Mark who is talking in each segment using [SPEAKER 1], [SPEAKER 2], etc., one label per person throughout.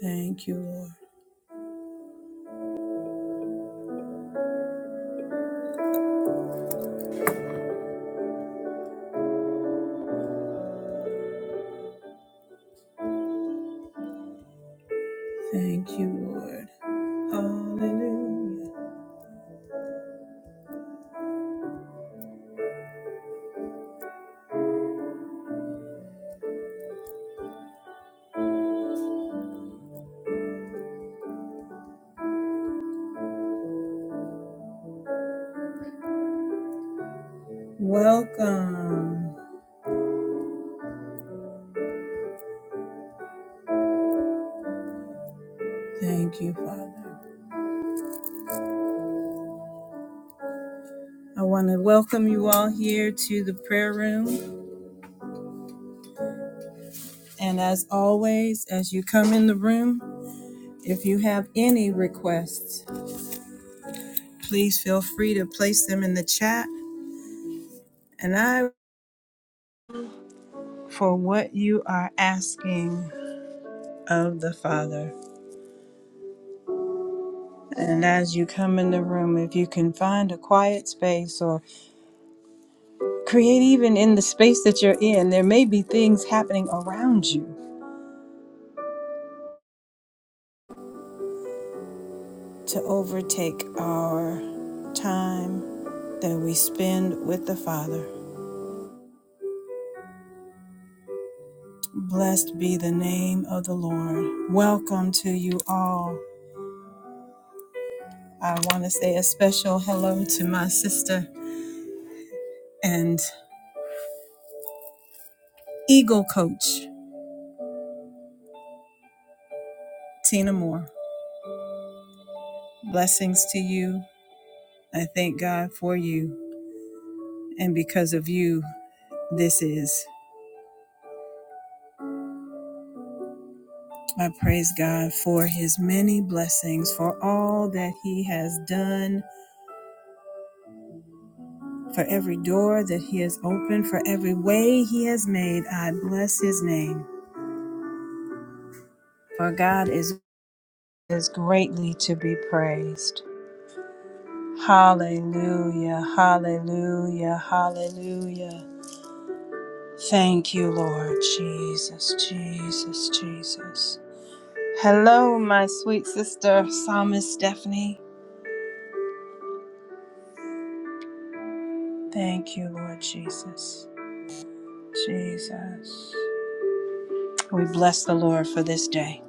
[SPEAKER 1] Thank you, Lord. Thank you, Lord. Hallelujah. Welcome. Thank you, Father. I want to welcome you all here to the prayer room. And as always, as you come in the room, if you have any requests, please feel free to place them in the chat. And I for what you are asking of the Father. And as you come in the room, if you can find a quiet space or Create even in the space that you're in. There may be things happening around you to overtake our time that we spend with the Father. Blessed be the name of the Lord. Welcome to you all. I want to say a special hello to my sister and Eagle Coach, Tina Moore. Blessings to you. I thank God for you. And because of you, this is. I praise God for his many blessings, for all that he has done, for every door that he has opened, for every way he has made. I bless his name, for God is, is greatly to be praised. Hallelujah, hallelujah, hallelujah. Thank you, Lord Jesus, Jesus, Jesus. Hello, my sweet sister, Psalmist Stephanie. Thank you, Lord Jesus. Jesus. We bless the Lord for this day.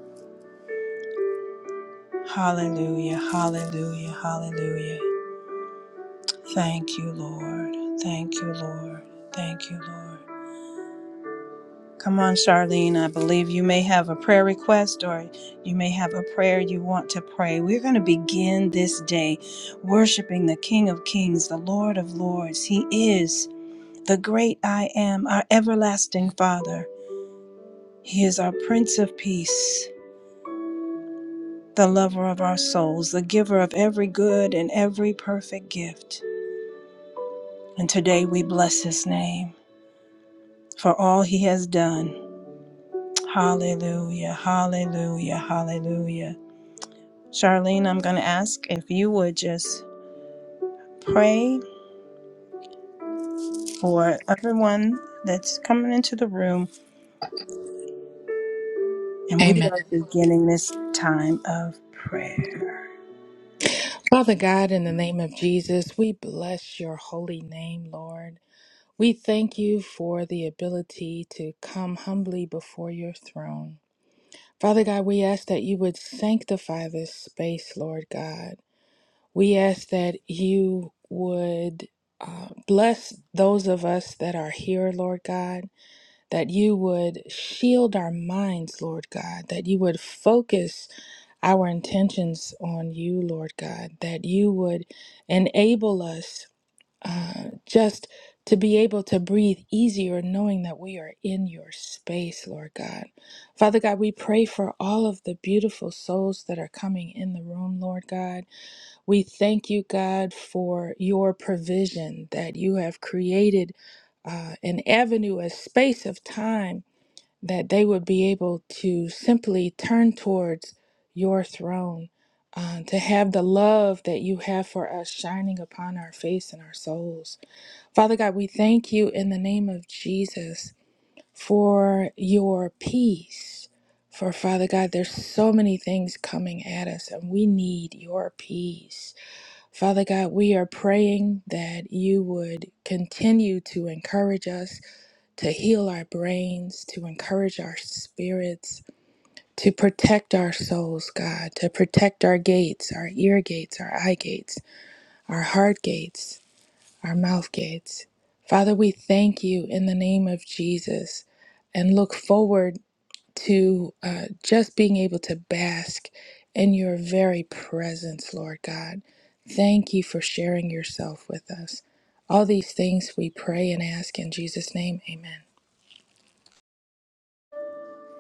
[SPEAKER 1] Hallelujah, hallelujah, hallelujah. Thank you, Lord. Thank you, Lord. Thank you, Lord. Come on, Charlene. I believe you may have a prayer request or you may have a prayer you want to pray. We're going to begin this day worshiping the King of Kings, the Lord of Lords. He is the great I am, our everlasting Father. He is our Prince of Peace. the lover of our souls, the giver of every good and every perfect gift. And today we bless his name for all he has done. Hallelujah, hallelujah, hallelujah. Charlene, I'm going to ask if you would just pray for everyone that's coming into the room, and we
[SPEAKER 2] Amen.
[SPEAKER 1] are beginning this time of prayer.
[SPEAKER 2] Father God, in the name of Jesus, we bless your holy name, Lord. We thank you for the ability to come humbly before your throne. Father God, we ask that you would sanctify this space, Lord God. We ask that you would uh, bless those of us that are here, Lord God, that you would shield our minds, Lord God, that you would focus our intentions on you, Lord God, that you would enable us uh, just to be able to breathe easier, knowing that we are in your space, Lord God. Father God, we pray for all of the beautiful souls that are coming in the room, Lord God. We thank you, God, for your provision that you have created uh, an avenue, a space of time that they would be able to simply turn towards your throne, uh, to have the love that you have for us shining upon our face and our souls. Father God, we thank you in the name of Jesus for your peace. For Father God, there's so many things coming at us, and we need your peace. Father God, we are praying that you would continue to encourage us, to heal our brains, to encourage our spirits, to protect our souls, God, to protect our gates, our ear gates, our eye gates, our heart gates, our mouth gates. Father, we thank you in the name of Jesus and look forward to uh, just being able to bask in your very presence, Lord God. Thank you for sharing yourself with us. All these things we pray and ask in Jesus' name. Amen.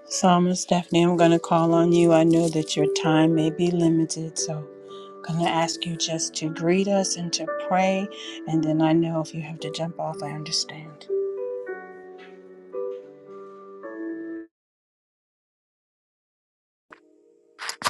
[SPEAKER 1] Psalmist Stephanie, I'm going to call on you. I know that your time may be limited, so I'm going to ask you just to greet us and to pray. And then I know if you have to jump off, I understand.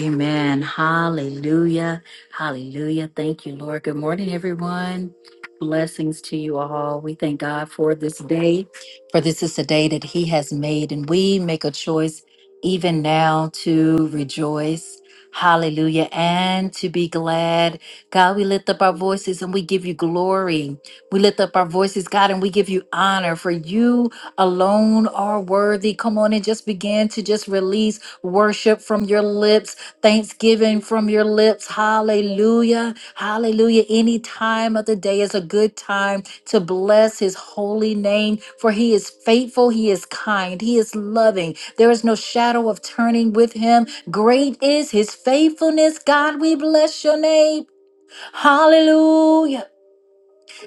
[SPEAKER 3] Amen. Hallelujah. Hallelujah. Thank you, Lord. Good morning, everyone. Blessings to you all. We thank God for this day, for this is the day that He has made, and we make a choice even now to rejoice. Hallelujah. And to be glad. God, we lift up our voices and we give you glory. We lift up our voices, God, and we give you honor, for you alone are worthy. Come on and just begin to just release worship from your lips Thanksgiving from your lips. Hallelujah. Hallelujah. Any time of the day is a good time to bless his holy name, for he is faithful, he is kind, he is loving. There is no shadow of turning with him. Great is his faithfulness. God, we bless your name. Hallelujah.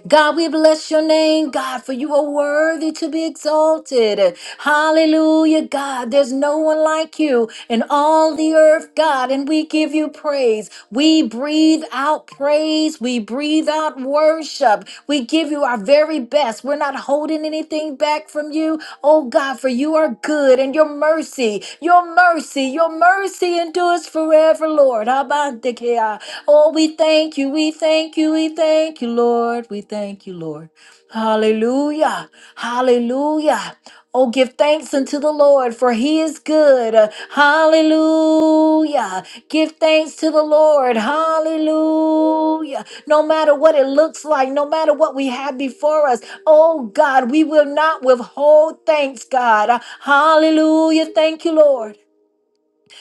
[SPEAKER 3] God, we bless your name, God, for you are worthy to be exalted. Hallelujah, God. There's no one like you in all the earth, God, and we give you praise. We breathe out praise. We breathe out worship. We give give you our very best. We're not holding anything back from you. Oh God, for you are good and your mercy, your mercy, your mercy endures forever, Lord. Habantekea. Oh, we thank you, we thank you, we thank you, Lord. We thank you, Lord. Hallelujah. Hallelujah. Oh, give thanks unto the Lord, for he is good. Hallelujah. Give thanks to the Lord. Hallelujah. No matter what it looks like, no matter what we have before us, oh God, we will not withhold thanks, God. Hallelujah. Thank you, Lord.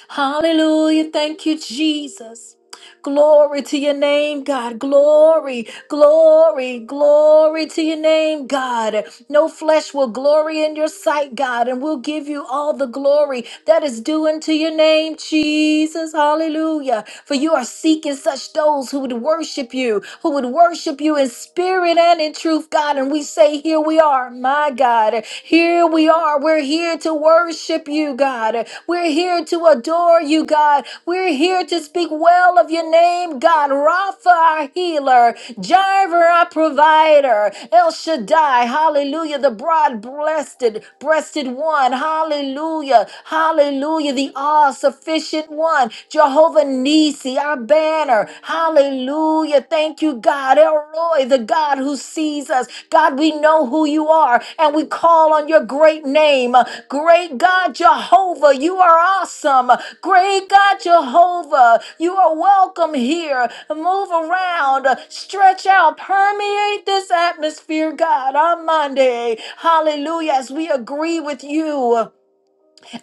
[SPEAKER 3] Hallelujah. Thank you, Jesus. Glory to your name, God. Glory, glory, glory to your name, God. No flesh will glory in your sight, God, and we'll give you all the glory that is due unto your name, Jesus. Hallelujah. For you are seeking such those who would worship you, who would worship you in spirit and in truth, God. And we say, Here we are, my God. Here we are. We're here to worship you, God. We're here to adore adore you, God. We're here to speak well of your name, God. Rapha, our healer, Jireh, our provider, El Shaddai, hallelujah, the broad breasted, breasted one, hallelujah, hallelujah, the all sufficient one, Jehovah Nisi, our banner, hallelujah. Thank you, God. El Roy, Elroy, the God who sees us. God, we know who you are and we call on your great name. Great God Jehovah, you are awesome. Great God Jehovah, you are welcome here. Move around, stretch out, permeate this atmosphere, God, on Monday. Hallelujah, as we agree with you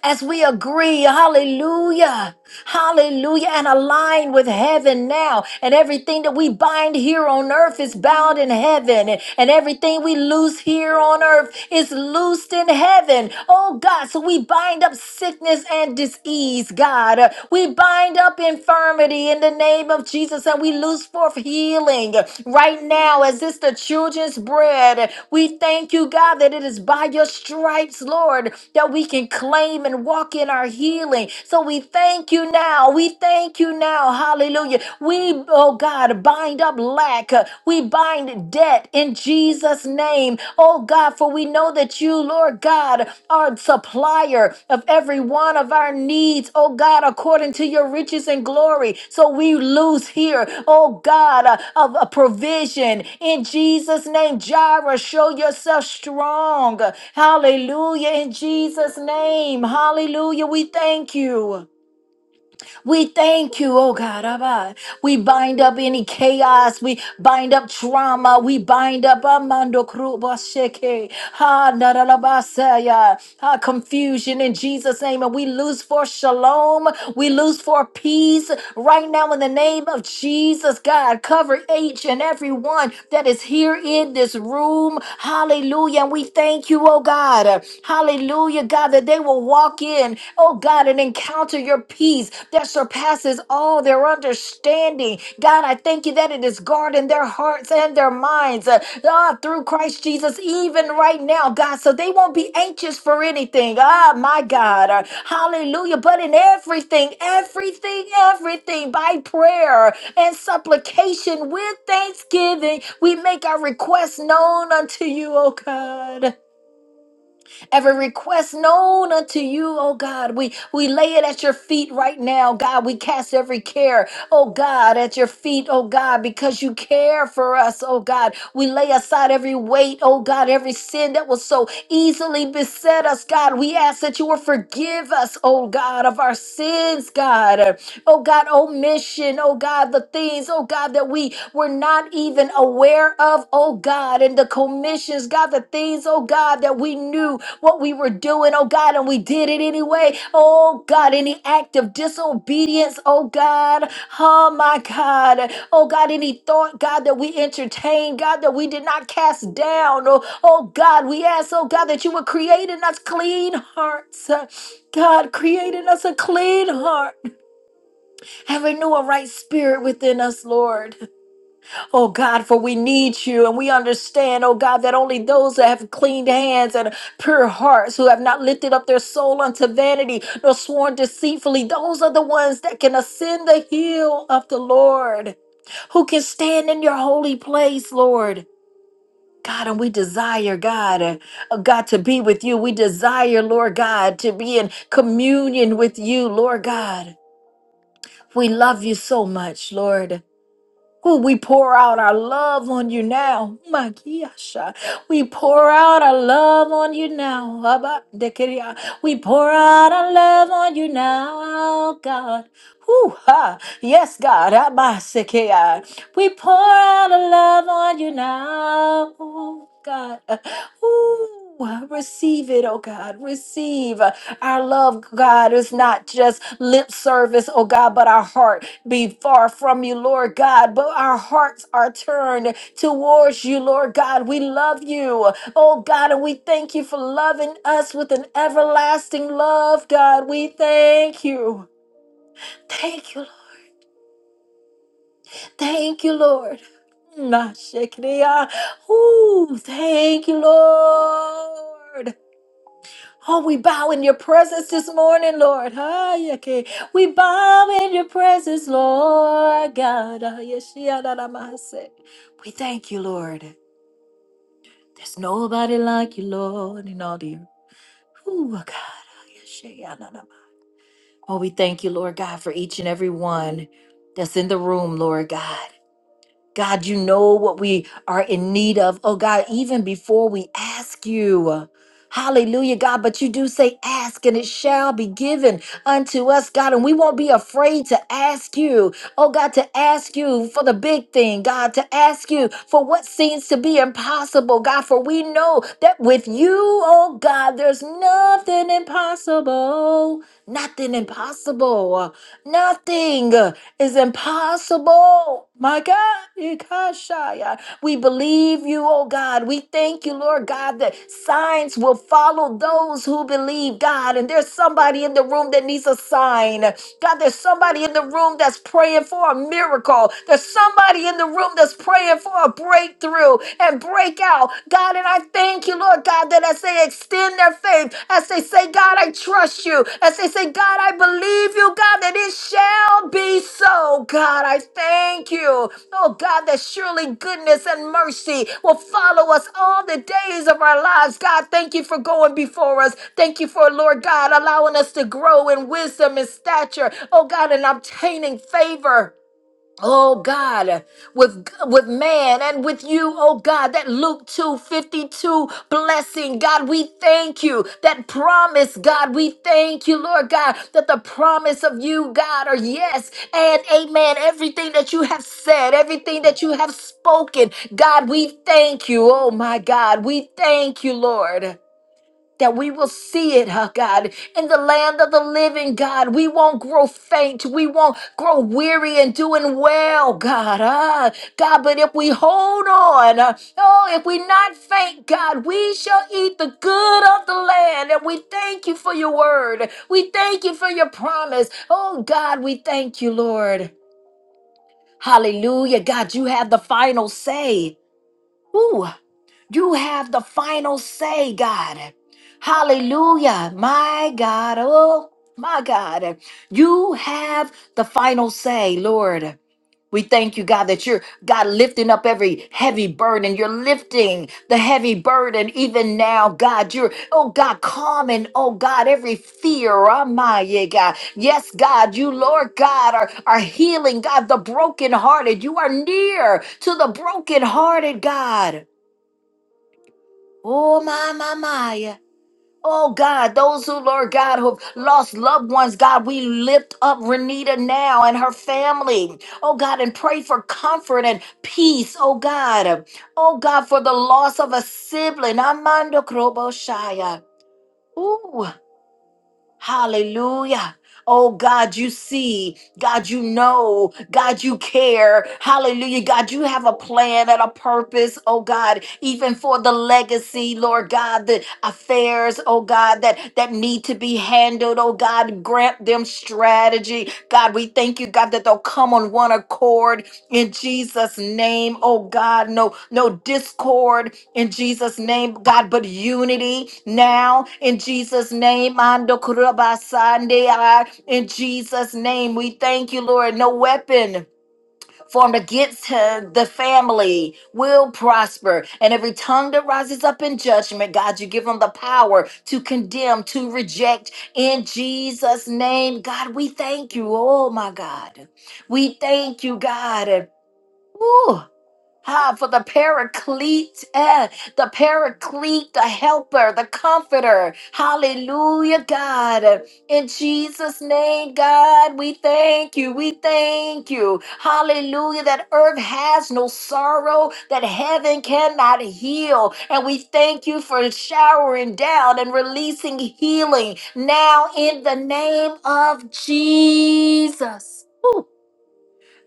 [SPEAKER 3] as we agree, hallelujah, hallelujah, and align with heaven now. And everything that we bind here on earth is bound in heaven, and, and everything we loose here on earth is loosed in heaven. Oh God, so we bind up sickness and disease, God. Uh, We bind up infirmity in the name of Jesus, and and we lose forth healing right now as it's the children's bread. We thank you, God, that it is by your stripes, Lord, that we can claim and walk in our healing. So we thank you now. We thank you now. Hallelujah. We, oh God, bind up lack. We bind debt in Jesus' name. Oh God, God, for we know that you, Lord God, are a supplier of every one of our needs, oh God, according to your riches and glory. So we lose here, oh God, uh, of a provision. In Jesus' name, Jireh, show yourself strong. Hallelujah. In Jesus' name, hallelujah. We thank you. We thank you, oh God. Abba. We bind up any chaos. We bind up trauma. We bind up Amando Kruba Sheke. Ha Naralabasaya. Ha confusion in Jesus' name. And we lose for shalom. We lose for peace right now in the name of Jesus, God. Cover each and every one that is here in this room. Hallelujah. And we thank you, oh God. Hallelujah, God, that they will walk walk in, oh God, and encounter your peace that surpasses all their understanding. God, I thank you that it is guarding their hearts and their minds uh, ah, through Christ Jesus, even right now, God, so they won't be anxious for anything. Ah, my God. Uh, hallelujah. But in everything, everything, everything, by prayer and supplication with thanksgiving, we make our requests known unto you, oh God every request known unto you, oh God. We we lay it at your feet right now, God. We cast every care, oh God, at your feet, oh God, because you care for us, oh God. We lay aside every weight, oh God, every sin that was so easily beset us, God. We ask that you will forgive us, oh God, of our sins, God. Oh God, omission, oh God, the things, oh God, that we were not even been aware of, oh God, and the commissions, God, the things, oh God, that we knew what we were doing, oh God, and we did it anyway. Oh God, any act of disobedience, oh God, oh my God, oh God, any thought, God, that we entertained, God, that we did not cast down, oh, oh God, we ask, oh God, that you would create in us clean hearts. God, create in us a clean heart and renew a right spirit within us, Lord. Oh God, for we need you and we understand, oh God, that only those that have clean hands and pure hearts, who have not lifted up their soul unto vanity nor sworn deceitfully, those are the ones that can ascend the hill of the Lord, who can stand in your holy place, Lord. God, and we desire, God, uh, uh, God, to be with you. We desire, Lord God, to be in communion with you, Lord God. We love you so much, Lord. Ooh, we pour out our love on you now. Makiasha. We pour out our love on you now. Abba, Dekiria. We pour out our love on you now, God. Ooh ha. Yes, God. Abasekea. We pour out our love on you now, oh God. Ooh, receive it, oh God. Receive our love, God. It's not just lip service, oh God, but our heart be far from you, Lord God. But our hearts are turned towards you, Lord God. We love you, oh God, and we thank you for loving us with an everlasting love, God. We thank you. Thank you, Thank you, Lord. Nashikriya. Ooh, thank you, Lord. Oh, we bow in your presence this morning, Lord. Hayake. We bow in your presence, Lord God. Ah, Yeshia, da da mase. We thank you, Lord. There's nobody like you, Lord, in all the earth. Ooh, God. Ah, Yeshia, Hayashiyadadama. Oh, we thank you, Lord God, for each and every one that's in the room, Lord God. God, you know what we are in need of. Oh, God, even before we ask you. Hallelujah, God. But you do say, ask and it shall be given unto us, God. And we won't be afraid to ask you, oh, God, to ask you for the big thing, God, to ask you for what seems to be impossible, God. For we know that with you, oh, God, there's nothing impossible, nothing impossible. Nothing is impossible. My God, Ikashaya. we believe you, oh God. We thank you, Lord God, that signs will follow those who believe, God. And there's somebody in the room that needs a sign. God, there's somebody in the room that's praying for a miracle. There's somebody in the room that's praying for a breakthrough and breakout. God, and I thank you, you, Lord God, that as they extend their faith, as they say, God, I trust you, as they say, God, I believe you, God, that it shall be so. God, I thank you. Oh, God, that surely goodness and mercy will follow us all the days of our lives. God, thank you for going before us. Thank you for, Lord God, allowing us to grow in wisdom and stature. Oh, God, and obtaining favor. Oh God, with with man and with you, oh God, that Luke 2 52 blessing, God, we thank you. That promise, God, we thank you, Lord God, that the promise of you, God, are yes and amen. Everything that you have said, everything that you have spoken, God, we thank you. Oh my God, we thank you, Lord that we will see it, huh, God, in the land of the living, God. We won't grow faint. We won't grow weary in doing well, God. Ah, God, but if we hold on, uh, oh, if we not faint, God, we shall eat the good of the land. And we thank you for your word. We thank you for your promise. Oh, God, we thank you, Lord. Hallelujah. God, you have the final say. Ooh, you have the final say, God. Hallelujah. My God. Oh, my God. You have the final say, Lord. We thank you, God, that you're, God, lifting up every heavy burden. You're lifting the heavy burden even now, God. You're, oh, God, calming, oh, God, every fear. Oh, my, yeah, God. Yes, God, you, Lord God, are, are healing, God, the brokenhearted. You are near to the brokenhearted, God. Oh, my, my, my. Oh, God, those who, Lord God, who have lost loved ones, God, we lift up Renita now and her family. Oh, God, and pray for comfort and peace. Oh, God. Oh, God, for the loss of a sibling. Amando Kroboshaya. Ooh. Hallelujah. Oh God, you see, God, you know, God, you care. Hallelujah. God, you have a plan and a purpose, oh God, even for the legacy, Lord God, the affairs, oh God, that, that need to be handled, oh God, grant them strategy. God, we thank you, God, that they'll come on one accord in Jesus name oh God no no discord in Jesus name God but unity now in Jesus name Ando kurabasande, ah, in Jesus name we thank you Lord no weapon formed against her, the family will prosper and every tongue that rises up in judgment God you give them the power to condemn to reject in Jesus name God we thank you oh my God we thank you God Ooh, ah, for the paraclete, eh, the paraclete, the helper, the comforter. Hallelujah, God. In Jesus' name, God, we thank you. We thank you. Hallelujah, that earth has no sorrow, that heaven cannot heal. And we thank you for showering down and releasing healing now in the name of Jesus.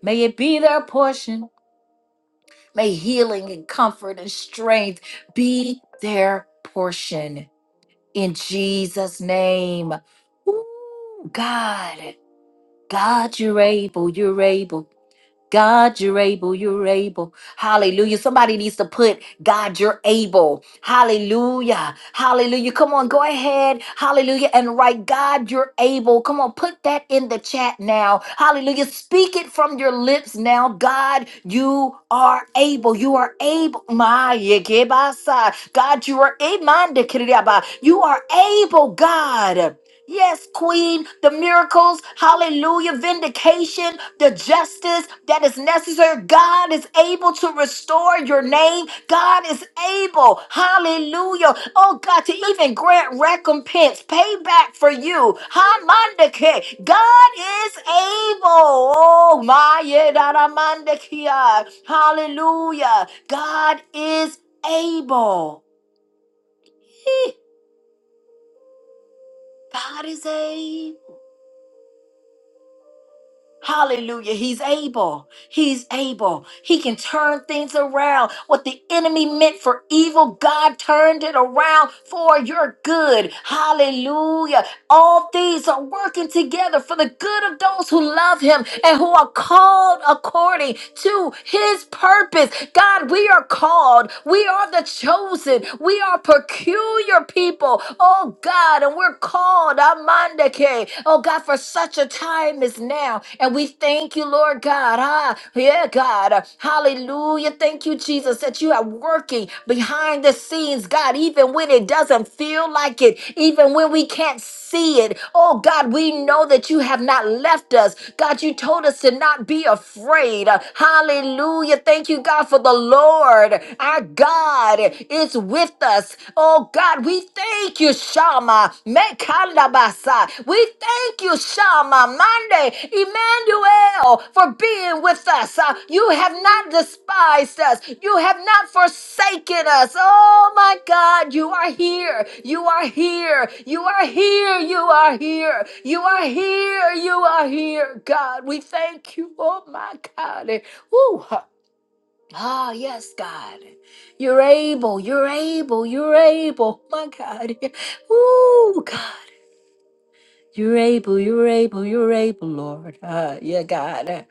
[SPEAKER 3] May it be their portion. May healing and comfort and strength be their portion in Jesus' name. Ooh, God, God, you're able, you're able. God, you're able, you're able. Hallelujah. Somebody needs to put God, you're able. Hallelujah. Hallelujah. Come on, go ahead. Hallelujah. And write God, you're able. Come on, put that in the chat now. Hallelujah. Speak it from your lips now. God, you are able. You are able. My yekebasa. God, you are able. You are able, God. Yes, Queen, the miracles, hallelujah, vindication, the justice that is necessary. God is able to restore your name. God is able, hallelujah, oh God, to even grant recompense, payback for you. Hamandake, God is able. Oh my, yedaramandakia. hallelujah, God is able. Eh, God is able. Hallelujah. He's able. He's able. He can turn things around. What the enemy meant for evil, God turned it around for your good. Hallelujah. All things are working together for the good of those who love him and who are called according to his purpose. God, we are called. We are the chosen. We are peculiar people. Oh God, and we're called. Amandake day. Oh God, for such a time as now. And we thank you, Lord God. Ah, yeah, God. Hallelujah. Thank you, Jesus, that you are working behind the scenes, God, even when it doesn't feel like it, even when we can't see it. Oh God, we know that you have not left us. God, you told us to not be afraid. Hallelujah. Thank you, God, for the Lord. Our God is with us us. Oh God, we thank you, Shama. Mekalabasa. We thank you, Shama. Monday, Emmanuel, for being with us. Uh, you have not despised us. You have not forsaken us. Oh my God, you are here. You are here. You are here. You are here. You are here. You are here. God, we thank you. Oh my God. Woo. Ah, yes, God. You're able, you're able, you're able. My God. Ooh, God. You're able, you're able, you're able, Lord. Ah, yeah, God.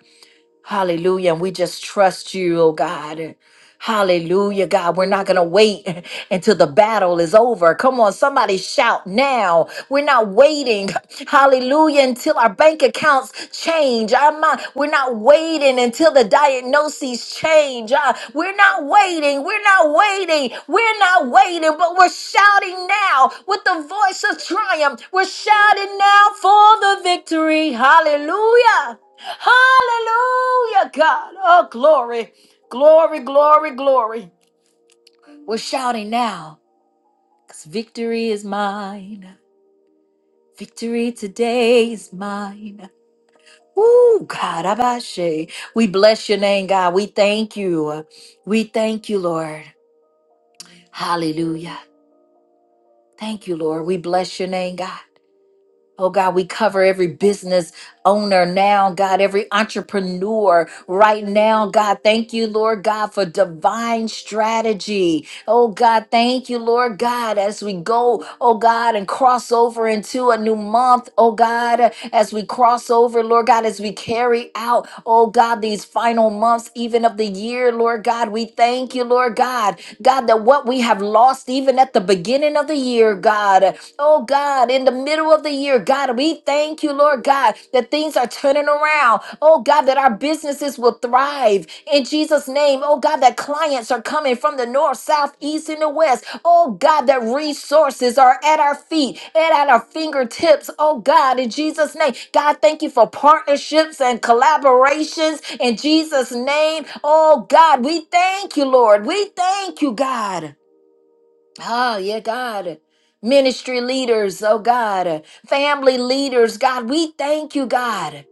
[SPEAKER 3] Hallelujah. And we just trust you, oh God. Hallelujah, God. We're not going to wait until the battle is over. Come on, somebody shout now. We're not waiting. Hallelujah, until our bank accounts change. I'm we're not waiting until the diagnoses change. Uh, we're not waiting. We're not waiting. We're not waiting, but we're shouting now with the voice of triumph. We're shouting now for the victory. Hallelujah. Hallelujah, God. Oh, glory, glory, glory, glory. We're shouting now because victory is mine. Victory today is mine. Ooh, God, Abashe. We bless your name, God. We thank you. We thank you, Lord. Hallelujah. Thank you, Lord. We bless your name, God. Oh God, we cover every business owner now, God, every entrepreneur right now. God, thank you, Lord God, for divine strategy. Oh God, thank you, Lord God, as we go, oh God, and cross over into a new month. Oh God, as we cross over, Lord God, as we carry out, oh God, these final months, even of the year, Lord God, we thank you, Lord God, God, that what we have lost even at the beginning of the year, God, Oh oh God, in the middle of the year, God, we thank you, Lord God, that things are turning around. Oh God, that our businesses will thrive in Jesus' name. Oh God, that clients are coming from the north, south, east, and the west. Oh God, that resources are at our feet and at our fingertips. Oh God, in Jesus' name. God, thank you for partnerships and collaborations in Jesus' name. Oh God, we thank you, Lord. We thank you, God. Oh, yeah, God. Ministry leaders, oh God. Family leaders, God. We thank you, God.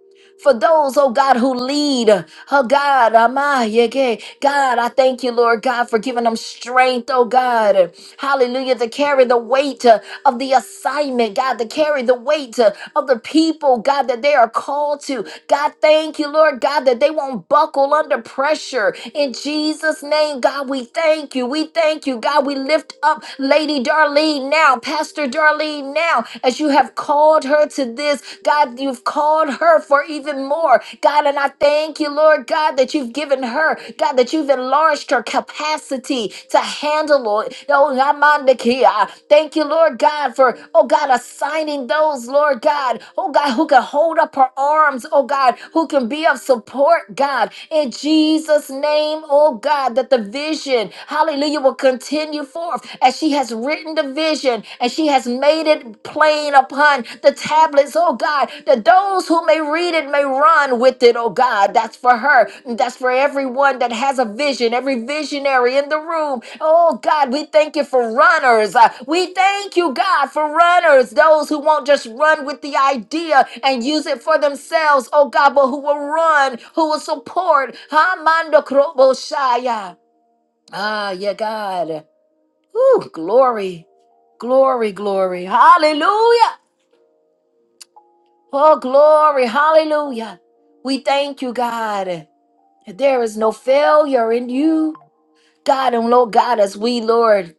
[SPEAKER 3] For those, oh God, who lead, oh God, Amaya, God, I thank you, Lord God, for giving them strength, oh God, hallelujah, to carry the weight, of the assignment, God, to carry the weight uh, of the people, God, that they are called to. God, thank you, Lord God, that they won't buckle under pressure. In Jesus' name, God, we thank you. We thank you, God. We lift up Lady Darlene now, Pastor Darlene now, as you have called her to this. God, you've called her for even more. God, and I thank you, Lord God, that you've given her given her, God, that you've enlarged her capacity to handle it. Oh, Yamandakia. thank you, Lord God, for, oh God, assigning those, Lord God, oh God, who can hold up her arms, oh God, who can be of support, God, in Jesus' name, oh God, that the vision, hallelujah, will continue forth as she has written the vision and she has made it plain upon the tablets, oh God, that those who may read it may run with it, oh God. That's for her. That's for everyone that has a vision, every visionary in the room. Oh God, we thank you for runners. Uh, We thank you, God, for runners, those who won't just run with the idea and use it for themselves, oh God, but who will run, who will support. Hamando Kroboshaya. Ah, yeah, God. Ooh, glory, glory, glory. Hallelujah. Oh, glory. Hallelujah. We thank you, God. There is no failure in you, God. And Lord God, as we, Lord,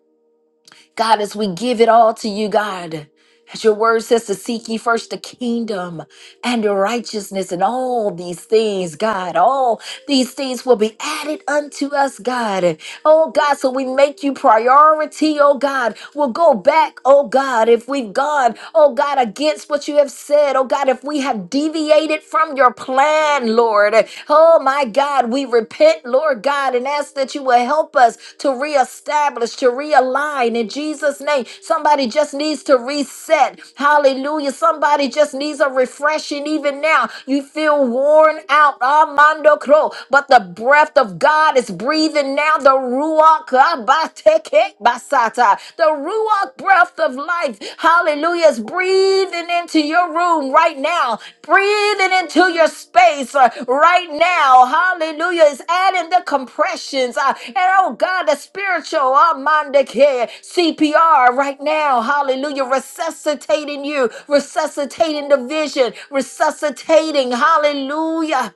[SPEAKER 3] God, as we give it all to you, God. As your word says to seek ye first the kingdom and your righteousness and all these things, God, all these things will be added unto us, God oh God. So we make you priority, oh God. We'll go back, oh God, if we've gone, oh God, against what you have said, oh God, if we have deviated from your plan, Lord. Oh my God, we repent, Lord God, and ask that you will help us to reestablish, to realign in Jesus' name. Somebody just needs to reset. Hallelujah. Somebody just needs a refreshing even now. You feel worn out. Armando Crow, but the breath breath of God is breathing now. The Ruach Abateke Basata. The Ruach breath of life. Hallelujah. Is breathing into your room right now. Breathing into your space uh, right now. Hallelujah. Is adding the compressions. uh, and oh God, the spiritual Amandeke CPR right now. Hallelujah. Resuscitating you. Resuscitating the vision. Resuscitating. Hallelujah.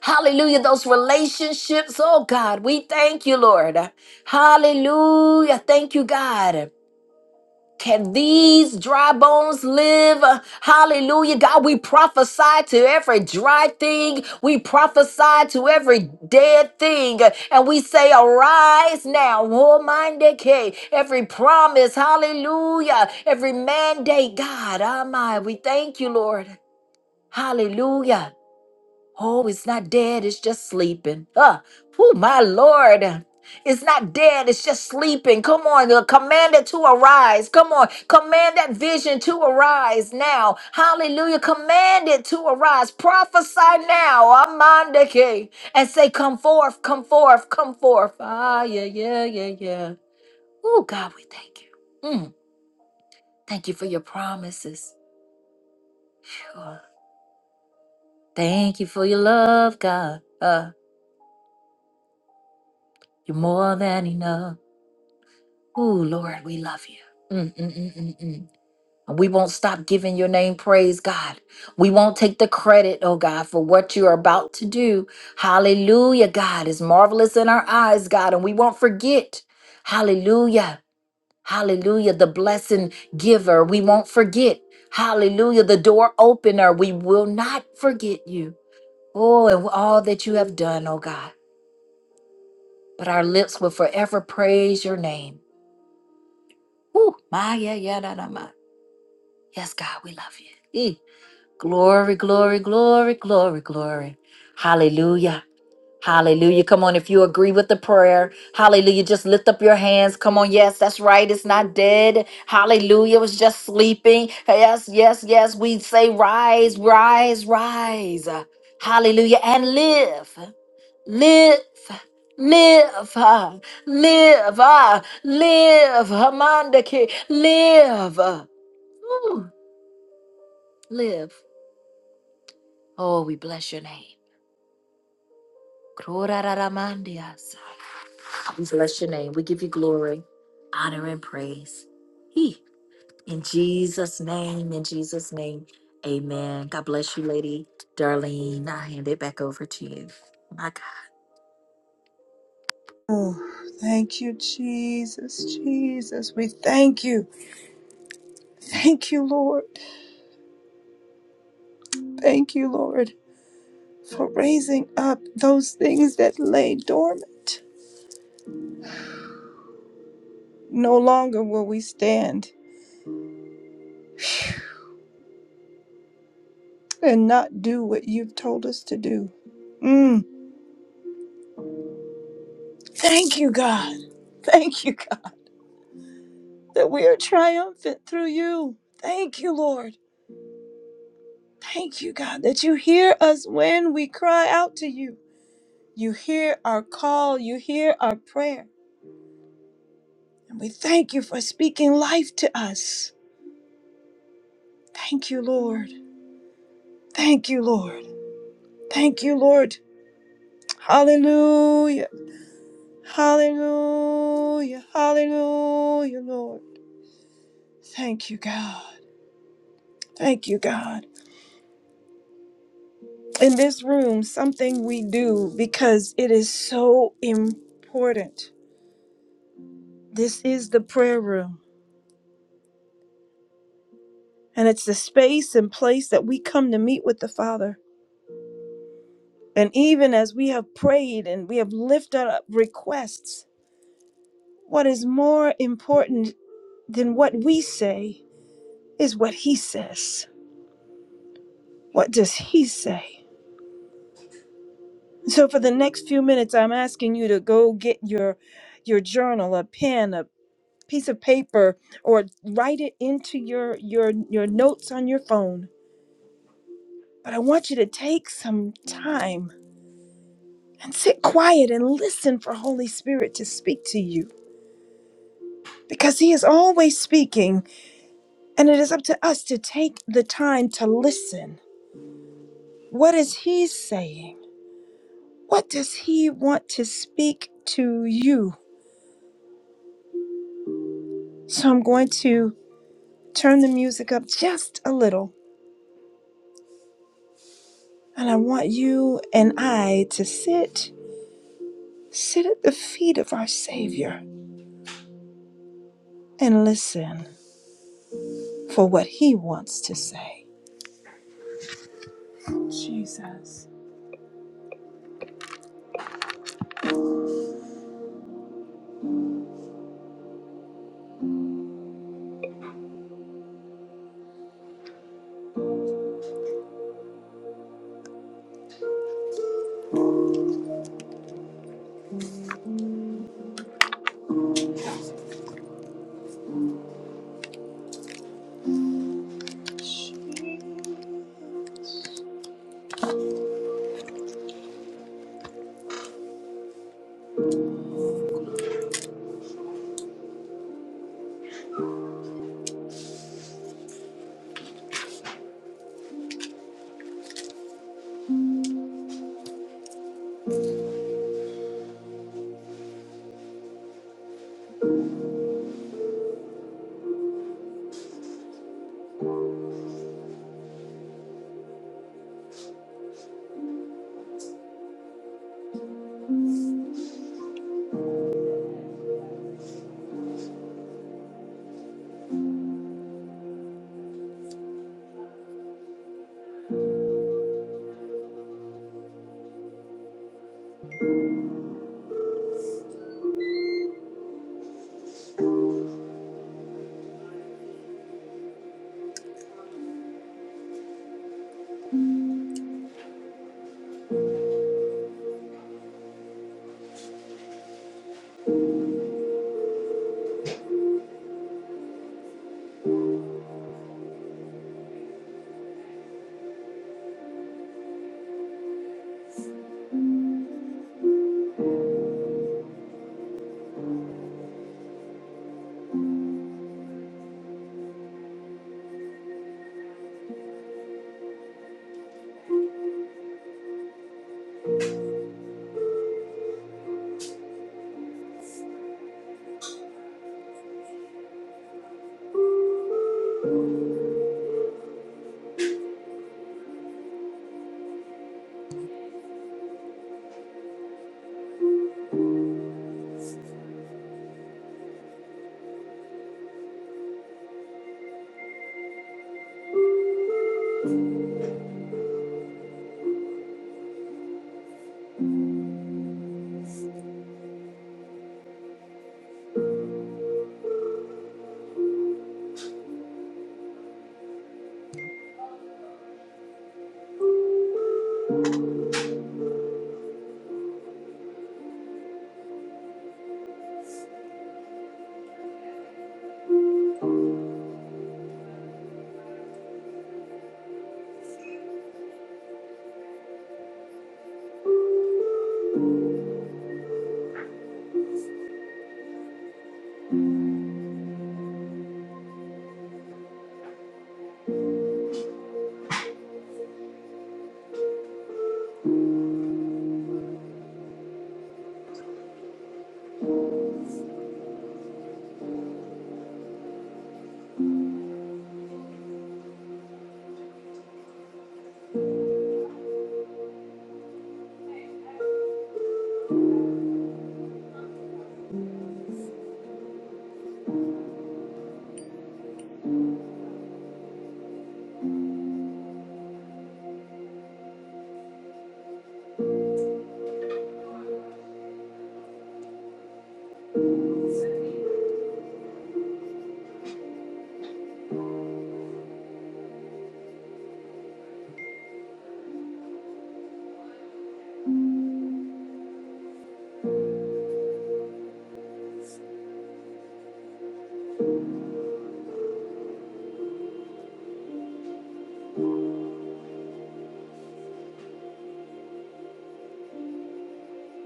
[SPEAKER 3] Hallelujah. Those relationships. Oh God, we thank you, Lord. Hallelujah. Thank you, God. Can these dry bones live? Hallelujah. God, we prophesy to every dry thing. We prophesy to every dead thing. And we say, Arise now. Oh, my decay. Every promise. Hallelujah. Every mandate. God, oh my. We thank you, Lord. Hallelujah. Oh, it's not dead, it's just sleeping. Ah, oh, my Lord. It's not dead, it's just sleeping. Come on, uh, command it to arise. Come on, command that vision to arise now. Hallelujah. Command it to arise. Prophesy now. Amandake. And say, Come forth, come forth, come forth. Ah, yeah, yeah, yeah, yeah. Oh, God, we thank you. Mm, thank you for your promises. Phew. Thank you for your love, God. Uh, you're more than enough. Oh, Lord, we love you. Mm, mm, mm, mm, mm. And we won't stop giving your name praise, God. We won't take the credit, oh God, for what you are about to do. Hallelujah, God is marvelous in our eyes, God, and we won't forget. Hallelujah. Hallelujah, the blessing giver. We won't forget. Hallelujah, the door opener. We will not forget you. Oh, and all that you have done, oh God. But our lips will forever praise your name. Woo. My, yeah, yeah, da, da, ma. Yes, God, we love you. Mm. Glory, glory, glory, glory, glory. Hallelujah. Hallelujah. Come on, if you agree with the prayer, hallelujah, just lift up your hands. Come on, yes, that's right. It's not dead. Hallelujah. It was just sleeping. Yes, yes, yes. We say, rise, rise, rise. Hallelujah. And live, live, live, uh, live, uh, live, Hamandaki, live. Ooh, live. Oh, we bless your name. Kroraramandias. We bless your name. We give you glory, honor, and praise. He, in Jesus' name, in Jesus' name, amen. God bless you, Lady Darlene. I hand it back over to you. My God.
[SPEAKER 1] Oh, thank you, Jesus, Jesus. We thank you. Thank you, Lord. Thank you, Lord, for raising up those things that lay dormant. No longer will we stand and not do what you've told us to do. Mm. Thank you, God. Thank you, God. that we are triumphant through you. Thank you, Lord. Thank you, God, that you hear us when we cry out to you. You hear our call, you hear our prayer. And we thank you for speaking life to us. Thank you, Lord. Thank you, Lord. Thank you, Lord. Hallelujah. Hallelujah. Hallelujah, Lord. Thank you, God. Thank you, God. In this room, something we do because it is so important This is the prayer room, and it's the space and place that we come to meet with the Father. And even as we have prayed and we have lifted up requests, what is more important than what we say is what He says. What does He say? So for the next few minutes, I'm asking you to go get your your journal, a pen, a piece of paper, or write it into your your your notes on your phone. But I want you to take some time and sit quiet and listen for Holy Spirit to speak to you because he is always speaking and it is up to us to take the time to listen. What is he saying? What does he want to speak to you? So I'm going to turn the music up just a little and I want you and I to sit sit at the feet of our savior and listen for what he wants to say. Jesus.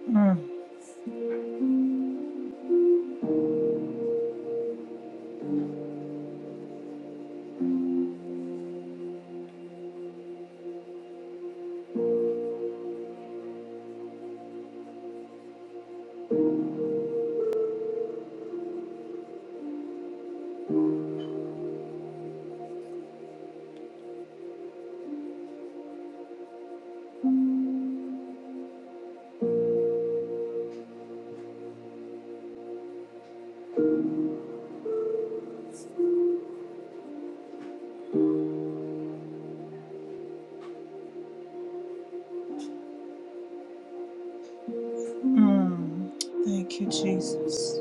[SPEAKER 1] Mm. Mm. Thank you, Jesus.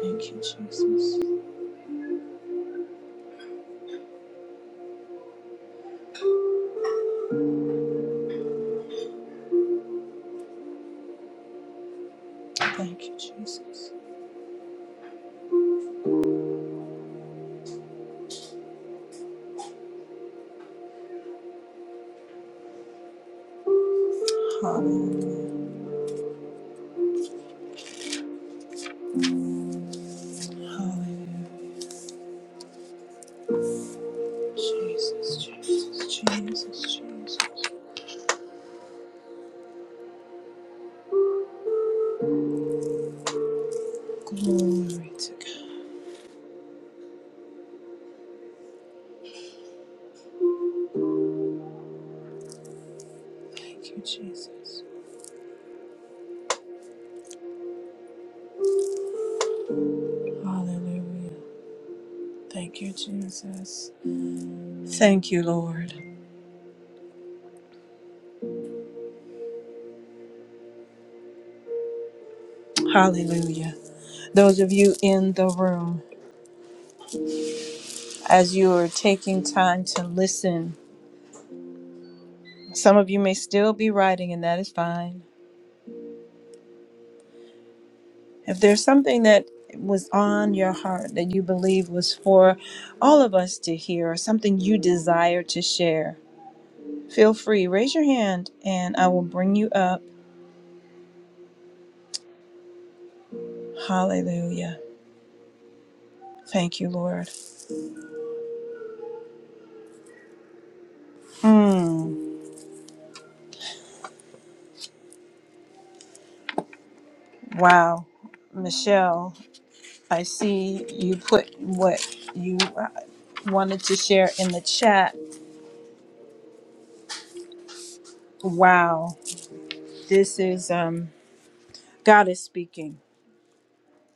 [SPEAKER 1] Thank you, Jesus. Thank you, Jesus. Hallelujah. Hallelujah. Jesus, Jesus, Jesus, Jesus. Glory to God. Thank you, Jesus. Hallelujah. Thank you, Jesus. Thank you, Lord. Hallelujah. Those of you in the room, as you are taking time to listen, some of you may still be writing, and that is fine. If there's something that was on your heart that you believe was for all of us to hear, or something you desire to share, feel free. Raise your hand and I will bring you up. Hallelujah. Thank you, Lord. Mm, wow. Michelle, I see you put what you uh, wanted to share in the chat. Wow. This is, um, God is speaking.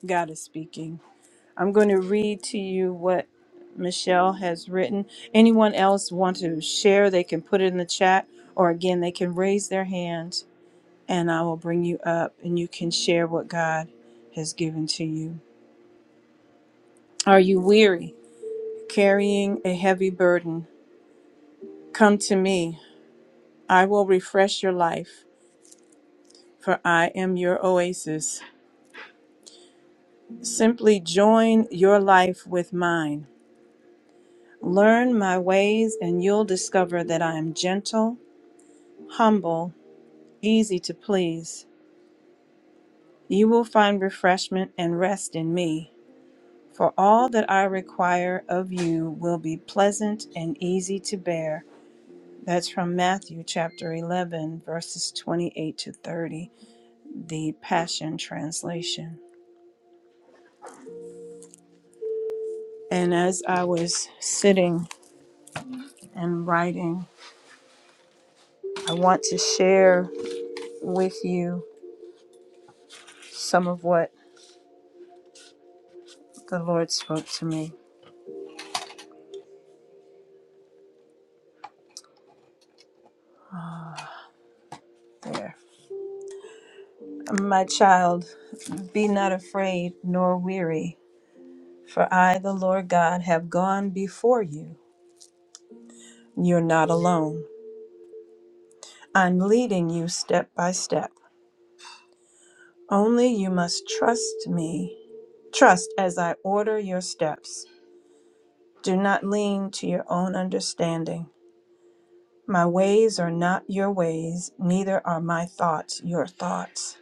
[SPEAKER 1] God is speaking. I'm going to read to you what Michelle has written. Anyone else want to share, they can put it in the chat, or again, they can raise their hand and I will bring you up and you can share what God has given to you. Are you weary, carrying a heavy burden? Come to me. I will refresh your life, for I am your oasis. Simply join your life with mine. Learn my ways, and you'll discover that I am gentle, humble, easy to please. You will find refreshment and rest in me, for all that I require of you will be pleasant and easy to bear. That's from Matthew chapter 11, verses 28 to 30, the Passion Translation. And as I was sitting and writing, I want to share with you some of what the Lord spoke to me there. My child, be not afraid nor weary. For I, the Lord God, have gone before you. You're not alone. I'm leading you step by step. Only you must trust me. Trust as I order your steps. Do not lean to your own understanding. My ways are not your ways, neither are my thoughts your thoughts.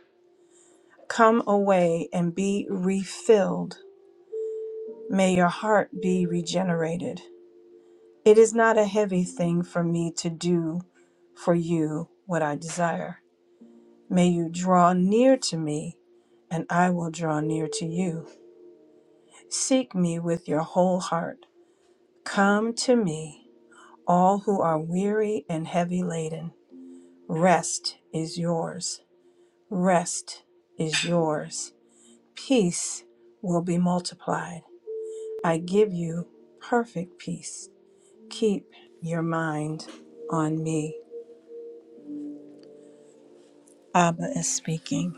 [SPEAKER 1] Come away and be refilled. May your heart be regenerated. It is not a heavy thing for me to do for you what I desire. May you draw near to me, and I will draw near to you. Seek me with your whole heart. Come to me, all who are weary and heavy laden. Rest is yours. Rest is yours. Peace will be multiplied. I give you perfect peace. Keep your mind on me. Abba is speaking.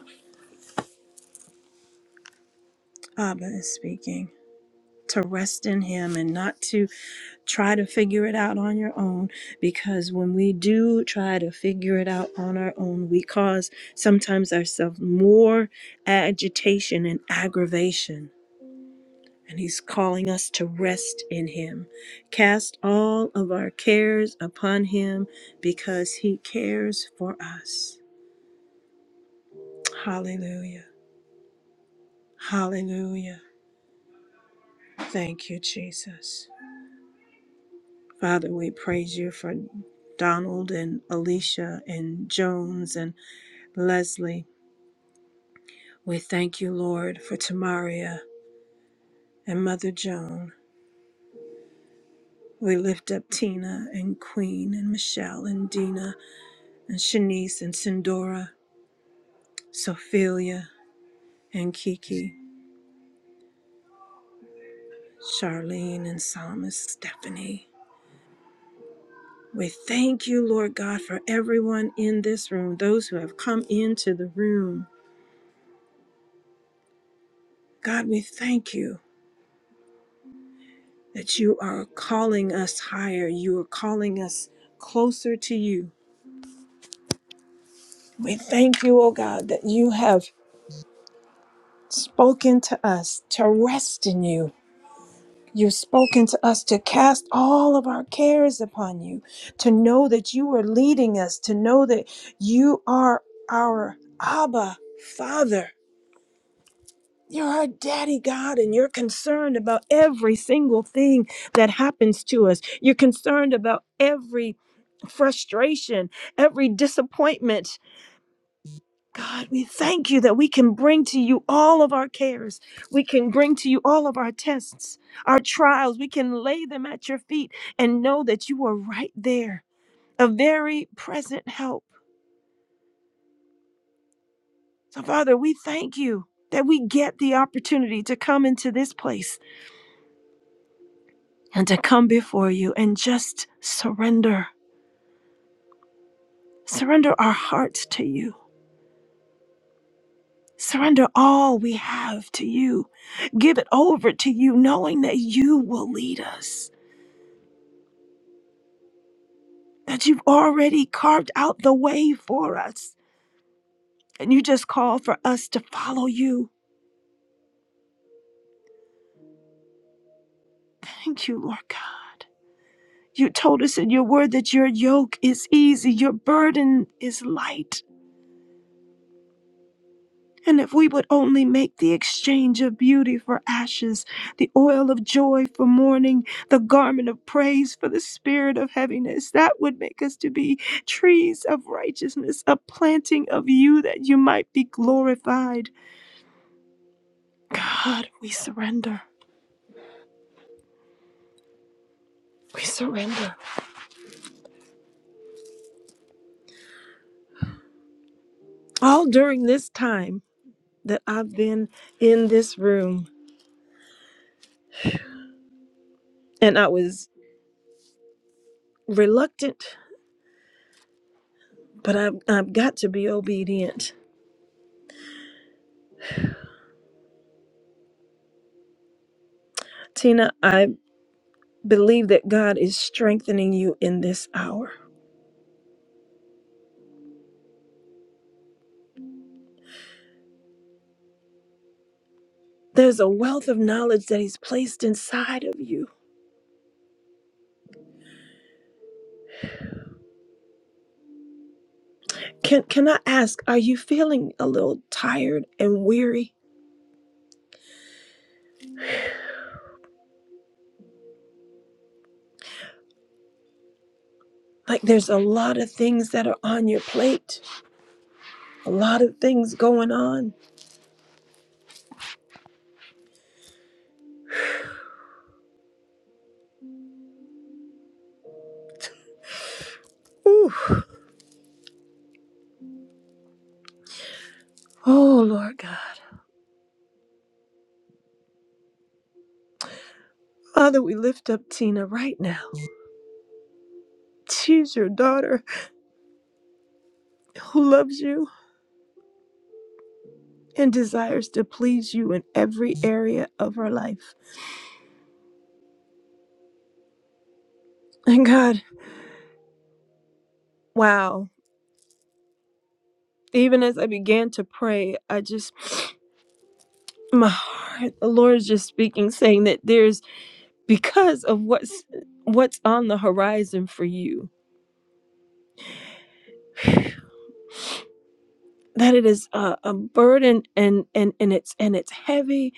[SPEAKER 1] Abba is speaking. To rest in Him and not to try to figure it out on your own. Because when we do try to figure it out on our own, we cause sometimes ourselves more agitation and aggravation. And He's calling us to rest in Him. Cast all of our cares upon Him because He cares for us. Hallelujah. Hallelujah. Thank you, Jesus. Father, we praise you for Donald and Alicia and Jones and Leslie. We thank you, Lord, for Tamaria and Mother Joan. We lift up Tina and Queen and Michelle and Dina and Shanice and Sindora, Sophia and Kiki, Charlene and Psalmist Stephanie. We thank you, Lord God, for everyone in this room, those who have come into the room. God, we thank you. that you are calling us higher. You are calling us closer to you. We thank you, oh God, that you have spoken to us to rest in you. You've spoken to us to cast all of our cares upon you, to know that you are leading us, to know that you are our Abba, Father. You're our daddy God, and you're concerned about every single thing that happens to us. You're concerned about every frustration, every disappointment. God, we thank you that we can bring to you all of our cares. We can bring to you all of our tests, our trials. We can lay them at your feet and know that you are right there, a very present help. So, Father, we thank you that we get the opportunity to come into this place and to come before you and just surrender. Surrender our hearts to you. Surrender all we have to you. Give it over to you, knowing that you will lead us, that you've already carved out the way for us, and you just call for us to follow you. Thank you, Lord God. You told us in your word that your yoke is easy, your burden is light. And if we would only make the exchange of beauty for ashes, the oil of joy for mourning, the garment of praise for the spirit of heaviness, that would make us to be trees of righteousness, a planting of you that you might be glorified. God, we surrender. We surrender. All during this time that I've been in this room, and I was reluctant, but I've, I've got to be obedient. Tina, I. Believe that God is strengthening you in this hour. There's a wealth of knowledge that He's placed inside of you. Can, can I ask, are you feeling a little tired and weary? Like there's a lot of things that are on your plate, a lot of things going on. Ooh. Oh, Lord God. Father, we lift up Tina right now. She's your daughter who loves you and desires to please you in every area of her life. And God, wow. even as I began to pray, I just, my heart, the Lord is just speaking, saying that there's because of what's what's on the horizon for you, that it is a, a burden and and and it's and it's heavy.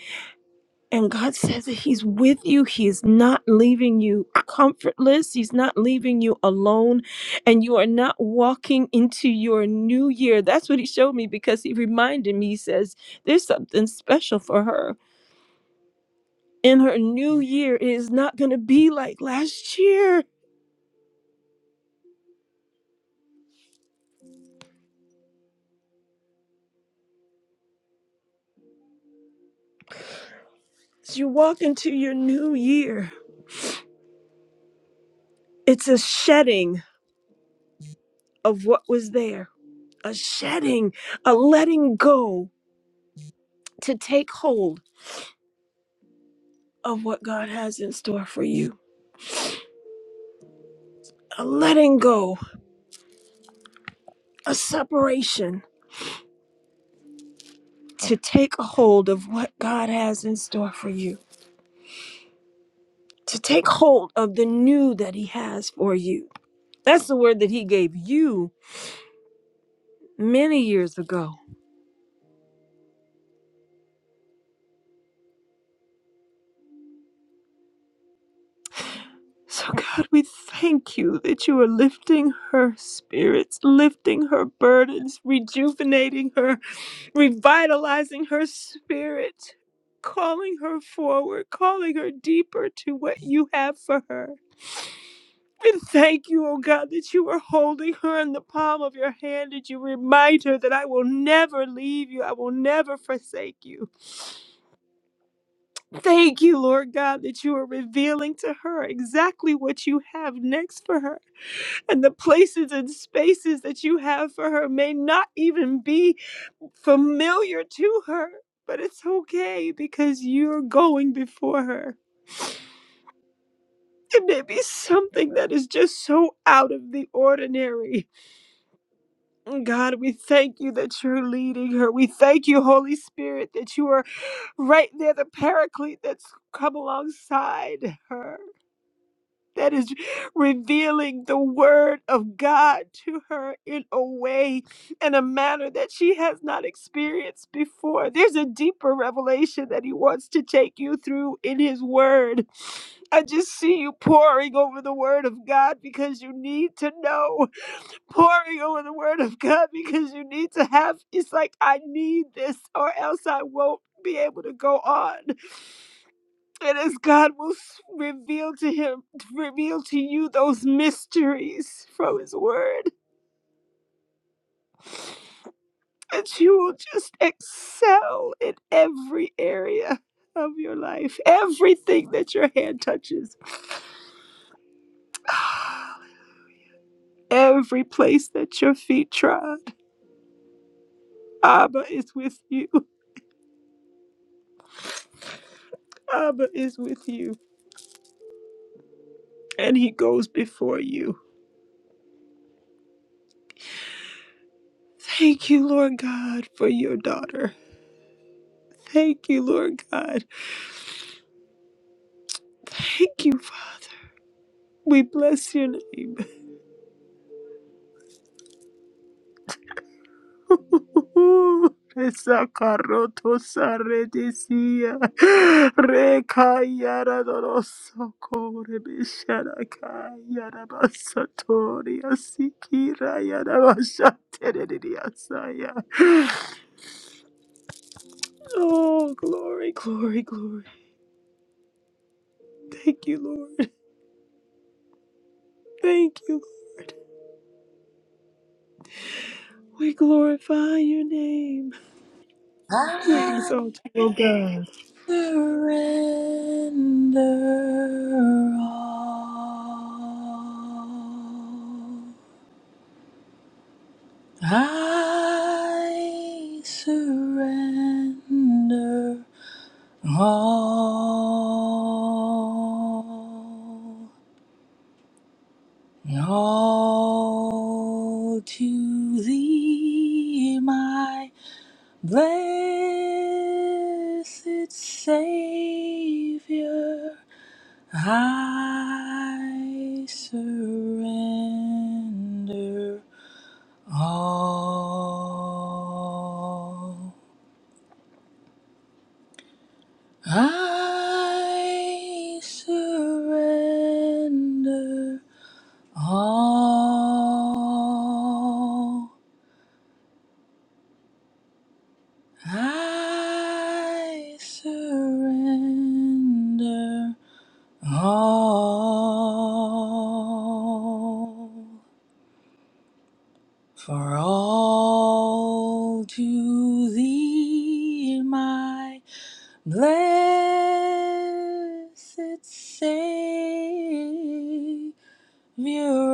[SPEAKER 1] And God says that He's with you. He is not leaving you comfortless. He's not leaving you alone, and you are not walking into your new year. That's what He showed me because He reminded me. He says, "There's something special for her." In her new year it is not going to be like last year. As you walk into your new year, it's a shedding of what was there, a shedding, a letting go to take hold of what God has in store for you, a letting go, a separation to take a hold of what God has in store for you, to take hold of the new that He has for you. That's the word that He gave you many years ago So, God, we thank you that you are lifting her spirits, lifting her burdens, rejuvenating her, revitalizing her spirit, calling her forward, calling her deeper to what you have for her. And thank you, oh God, that you are holding her in the palm of your hand and you remind her that I will never leave you. I will never forsake you. Thank you, Lord God, that you are revealing to her exactly what you have next for her and the places and spaces that you have for her may not even be familiar to her. But it's okay because you're going before her. It may be something that is just so out of the ordinary. God, we thank you that you're leading her. We thank you, Holy Spirit, that you are right there, the paraclete that's come alongside her. that is revealing the word of God to her in a way and a manner that she has not experienced before. There's a deeper revelation that he wants to take you through in his word. I just see you pouring over the word of God because you need to know, pouring over the word of God because you need to have it's like I need this or else I won't be able to go on. And as God will s- reveal to him, reveal to you those mysteries from his word, that you will just excel in every area of your life, everything that your hand touches, every place that your feet trod. Abba is with you. Abba is with you. And he goes before you. Thank you, Lord God, for your daughter. Thank you, Lord God. Thank you, Father. We bless your name. Sakaroto saredesia rekayara doroso kore bishara kayara basatoria sikira yara bashatereria saya. Oh, glory, glory, glory. Thank you, Lord. Thank you. We glorify your name. We exalt you.
[SPEAKER 2] Surrender all. I surrender all. All to thee, my blessed Savior. I surrender all. I surrender all. I surrender all. For all to thee, my blessed Savior,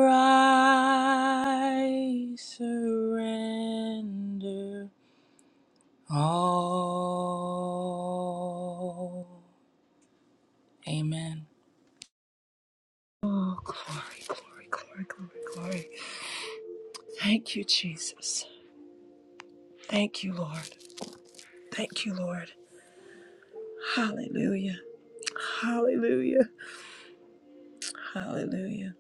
[SPEAKER 2] I surrender all. Amen.
[SPEAKER 1] Oh, glory, glory, glory, glory, glory. Thank you, Jesus. Thank you, Lord. Thank you, Lord. Hallelujah. Hallelujah. Hallelujah.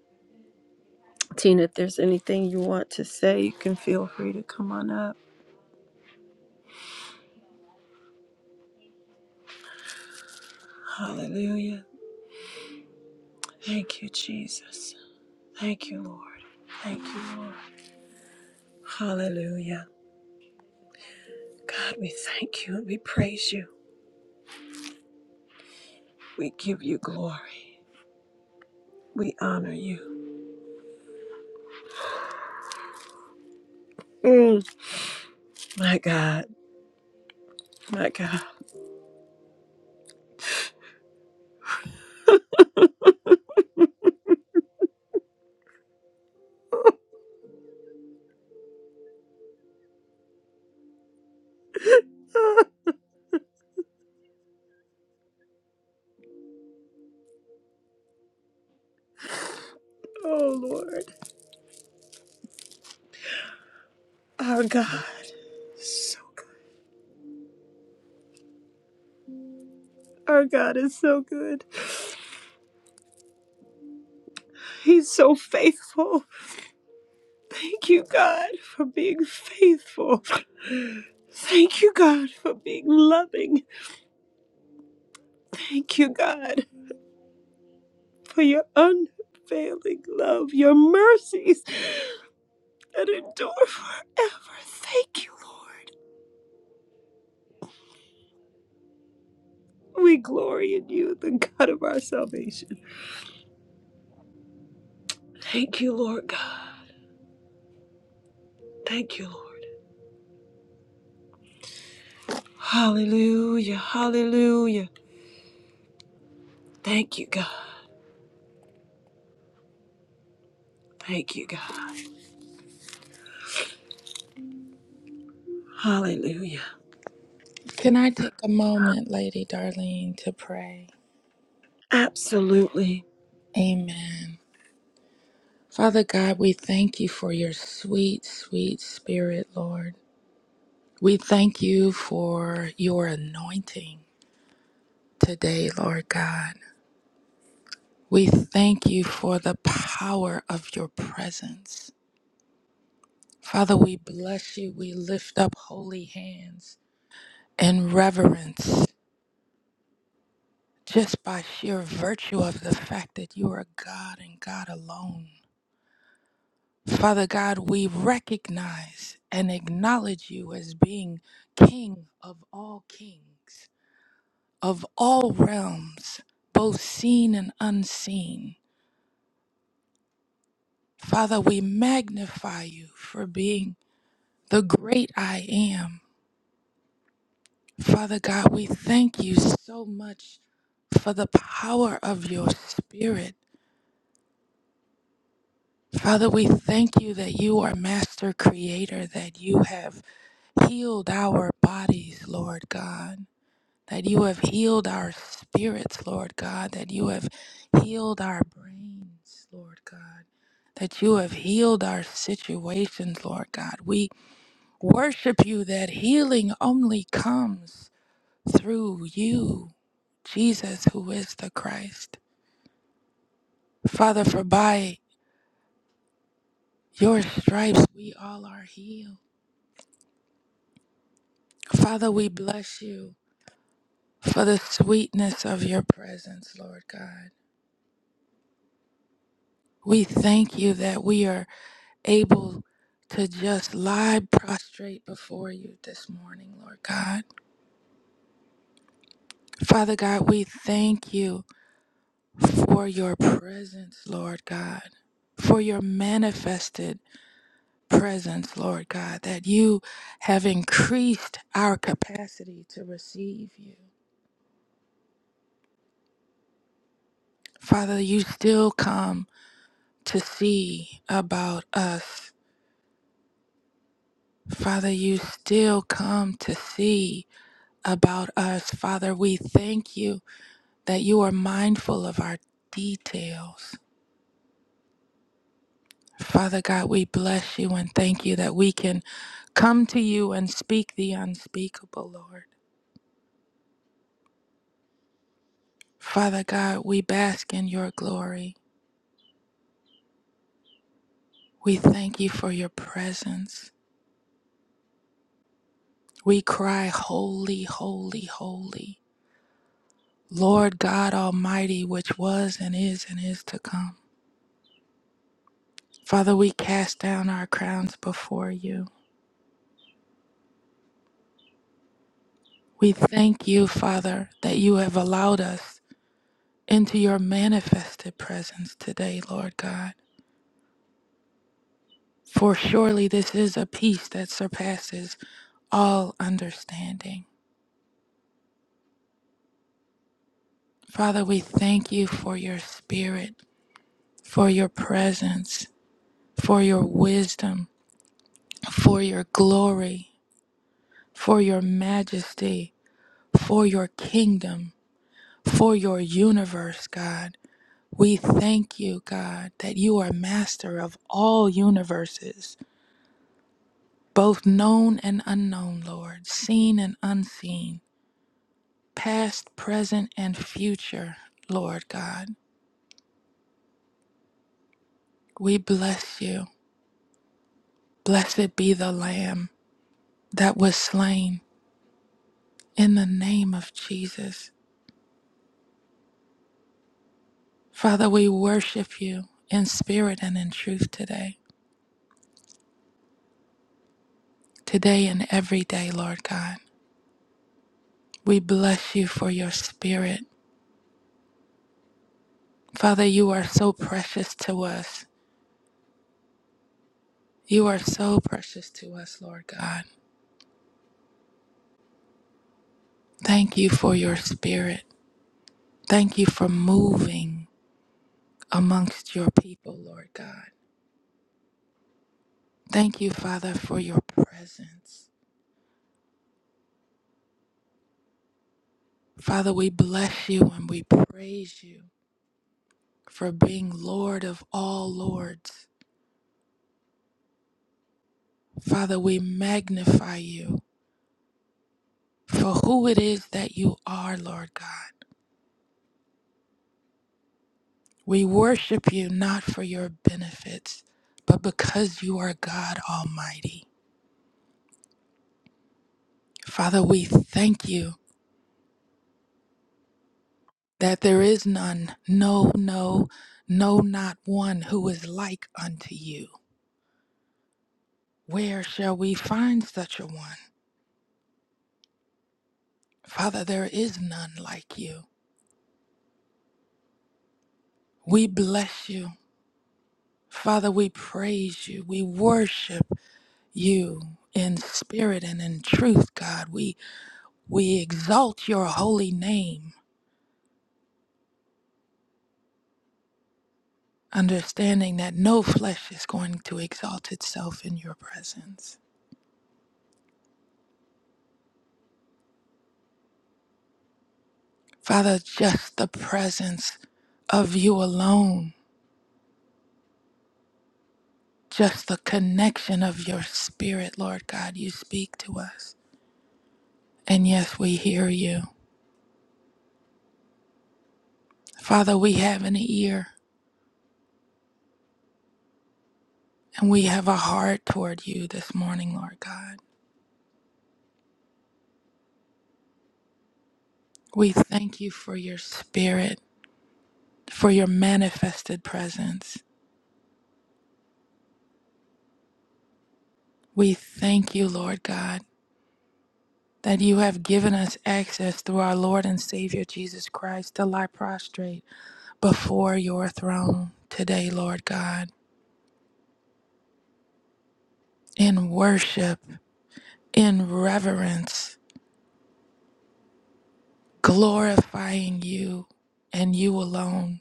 [SPEAKER 1] Tina, if there's anything you want to say, you can feel free to come on up. Hallelujah. Thank you, Jesus. Thank you, Lord. Thank you, Lord. Hallelujah. God, we thank you and we praise you. We give you glory. We honor you. Mm, my God. My God. oh, Lord. Our God is so good. Our God is so good. He's so faithful. Thank you, God, for being faithful. Thank you, God, for being loving. Thank you, God, for your unfailing love, your mercies that endure forever. Thank you, Lord. We glory in you, the God of our salvation. Thank you, Lord God. Thank you, Lord. Hallelujah. Hallelujah. Thank you, God. Thank you, God. Hallelujah.
[SPEAKER 2] Can I take a moment, Lady Darlene, to pray?
[SPEAKER 1] Absolutely.
[SPEAKER 2] Amen. Father God, we thank you for your sweet, sweet spirit, Lord. We thank you for your anointing today, Lord God. We thank you for the power of your presence. Father, we bless you. We lift up holy hands in reverence just by sheer virtue of the fact that you are God and God alone. Father God, we recognize and acknowledge you as being King of all kings, of all realms, both seen and unseen. Father, we magnify you for being the great I am. Father God, we thank you so much for the power of your spirit. Father, we thank you that you are master creator, that you have healed our bodies, Lord God. that you have healed our spirits, Lord God, that you have healed our brains, Lord God, that you have healed our situations, Lord God. We worship you that healing only comes through you, Jesus, who is the Christ. Father, for by your stripes we all are healed. Father, we bless you for the sweetness of your presence, Lord God. We thank you that we are. able to just lie prostrate before you this morning, Lord God. Father God, we thank you for your presence, Lord God, for your manifested presence, Lord God, that you have increased our capacity to receive you. Father, you still come to see about us. Father, you still come to see about us. Father, we thank you that you are mindful of our details. Father God, we bless you and thank you that we can come to you and speak the unspeakable, Lord. Father God, we bask in your glory. We thank you for your presence. We cry, Holy, holy, holy, Lord God Almighty, which was and is and is to come. Father, we cast down our crowns before you. We thank you, Father, that you have allowed us into your manifested presence today, Lord God. For surely this is a peace that surpasses all understanding. Father, we thank you for your spirit, for your presence, for your wisdom, for your glory, for your majesty, for your kingdom, for your universe, God. We thank you, God, that you are master of all universes both known and unknown, Lord, seen and unseen, past, present, and future, Lord God. We bless you. Blessed be the Lamb that was slain in the name of Jesus. Father, we worship you in spirit and in truth today, today and every day, Lord God. We bless you for your spirit. Father, you are so precious to us. You are so precious to us, Lord God. Thank you for your spirit. Thank you for moving amongst your people, Lord God. Thank you, Father, for your presence. Father, we bless you and we praise you for being Lord of all lords. Father, we magnify you for who it is that you are, Lord God. We worship you not for your benefits, but because you are God Almighty. Father, we thank you that there is none, no, no, no, not one who is like unto you. Where shall we find such a one? Father, there is none like you. We bless you. Father, we praise you. We worship you in spirit and in truth, God. We we exalt your holy name, understanding that no flesh is going to exalt itself in your presence. Father, just the presence of you alone just the connection of your spirit, Lord God. You speak to us. And yes, we hear you. Father, we have an ear and we have a heart toward you this morning, Lord God. We thank you for your spirit, for your manifested presence. We thank you, Lord God, that you have given us access through our Lord and Savior Jesus Christ to lie prostrate before your throne today, Lord God, in worship, in reverence. glorifying you and you alone.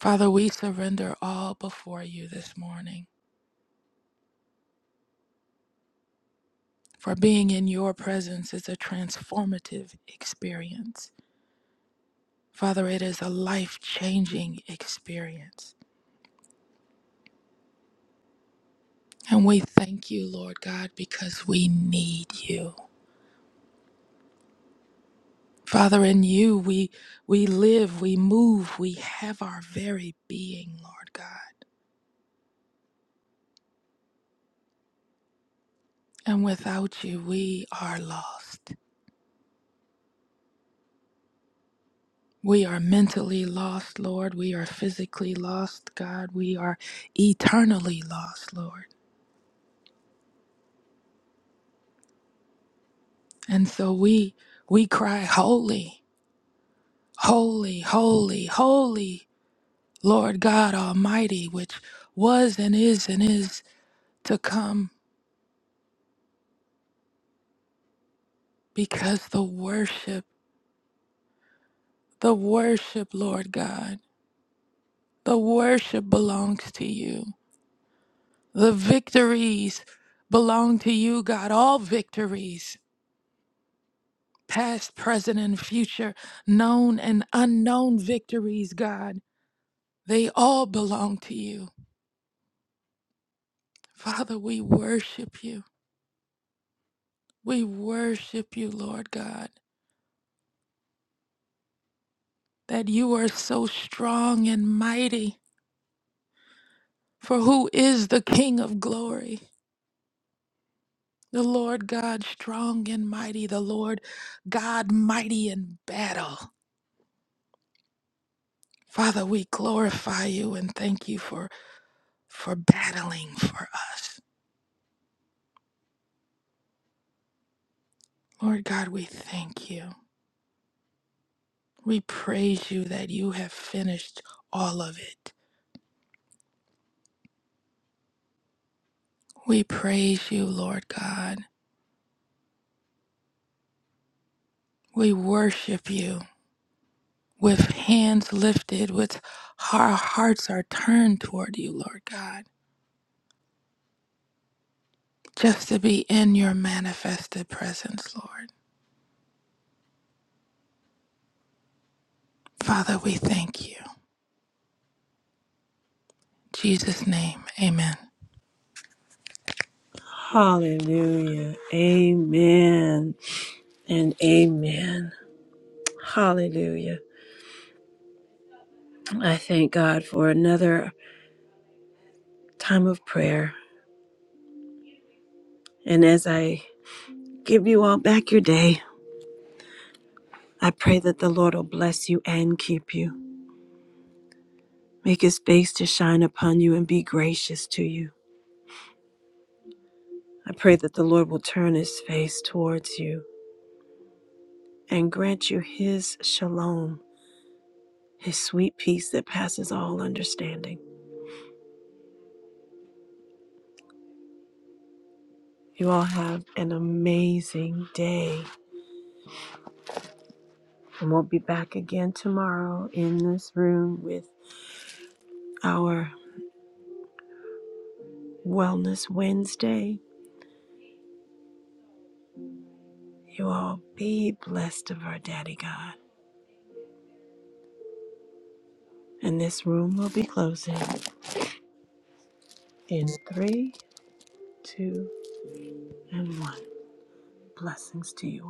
[SPEAKER 2] Father, we surrender all before you this morning, for being in your presence is a transformative experience. Father, it is a life changing experience. And we thank you, Lord God, because we need you. Father, in you we we live, we move, we have our very being, Lord God. And without you we are lost. We are mentally lost, Lord. We are physically lost, God. We are eternally lost, Lord. And so we we cry holy, holy, holy, holy, Lord God Almighty, which was and is and is to come because the worship, the worship, Lord God, the worship belongs to you. The victories belong to you, God. All victories past, present, and future, known and unknown victories, God. They all belong to you. Father, we worship you. We worship you, Lord God, that you are so strong and mighty. For who is the King of glory? The Lord God, strong and mighty, the Lord God, mighty in battle. Father, we glorify you and thank you for, for battling for us. Lord God, we thank you. We praise you that you have finished all of it. We praise you, Lord God. We worship you with hands lifted, with our hearts are turned toward you, Lord God, just to be in your manifested presence, Lord. Father, we thank you. In Jesus' name, amen.
[SPEAKER 1] Hallelujah. Amen and amen. Hallelujah. I thank God for another time of prayer. And as I give you all back your day, I pray that the Lord will bless you and keep you, make his face to shine upon you and be gracious to you. I pray that the Lord will turn his face towards you and grant you his shalom, his sweet peace that passes all understanding. You all have an amazing day. And we'll be back again tomorrow in this room with our Wellness Wednesday. You all be blessed of our Daddy God. And this room will be closing in three, two, and one. Blessings to you all.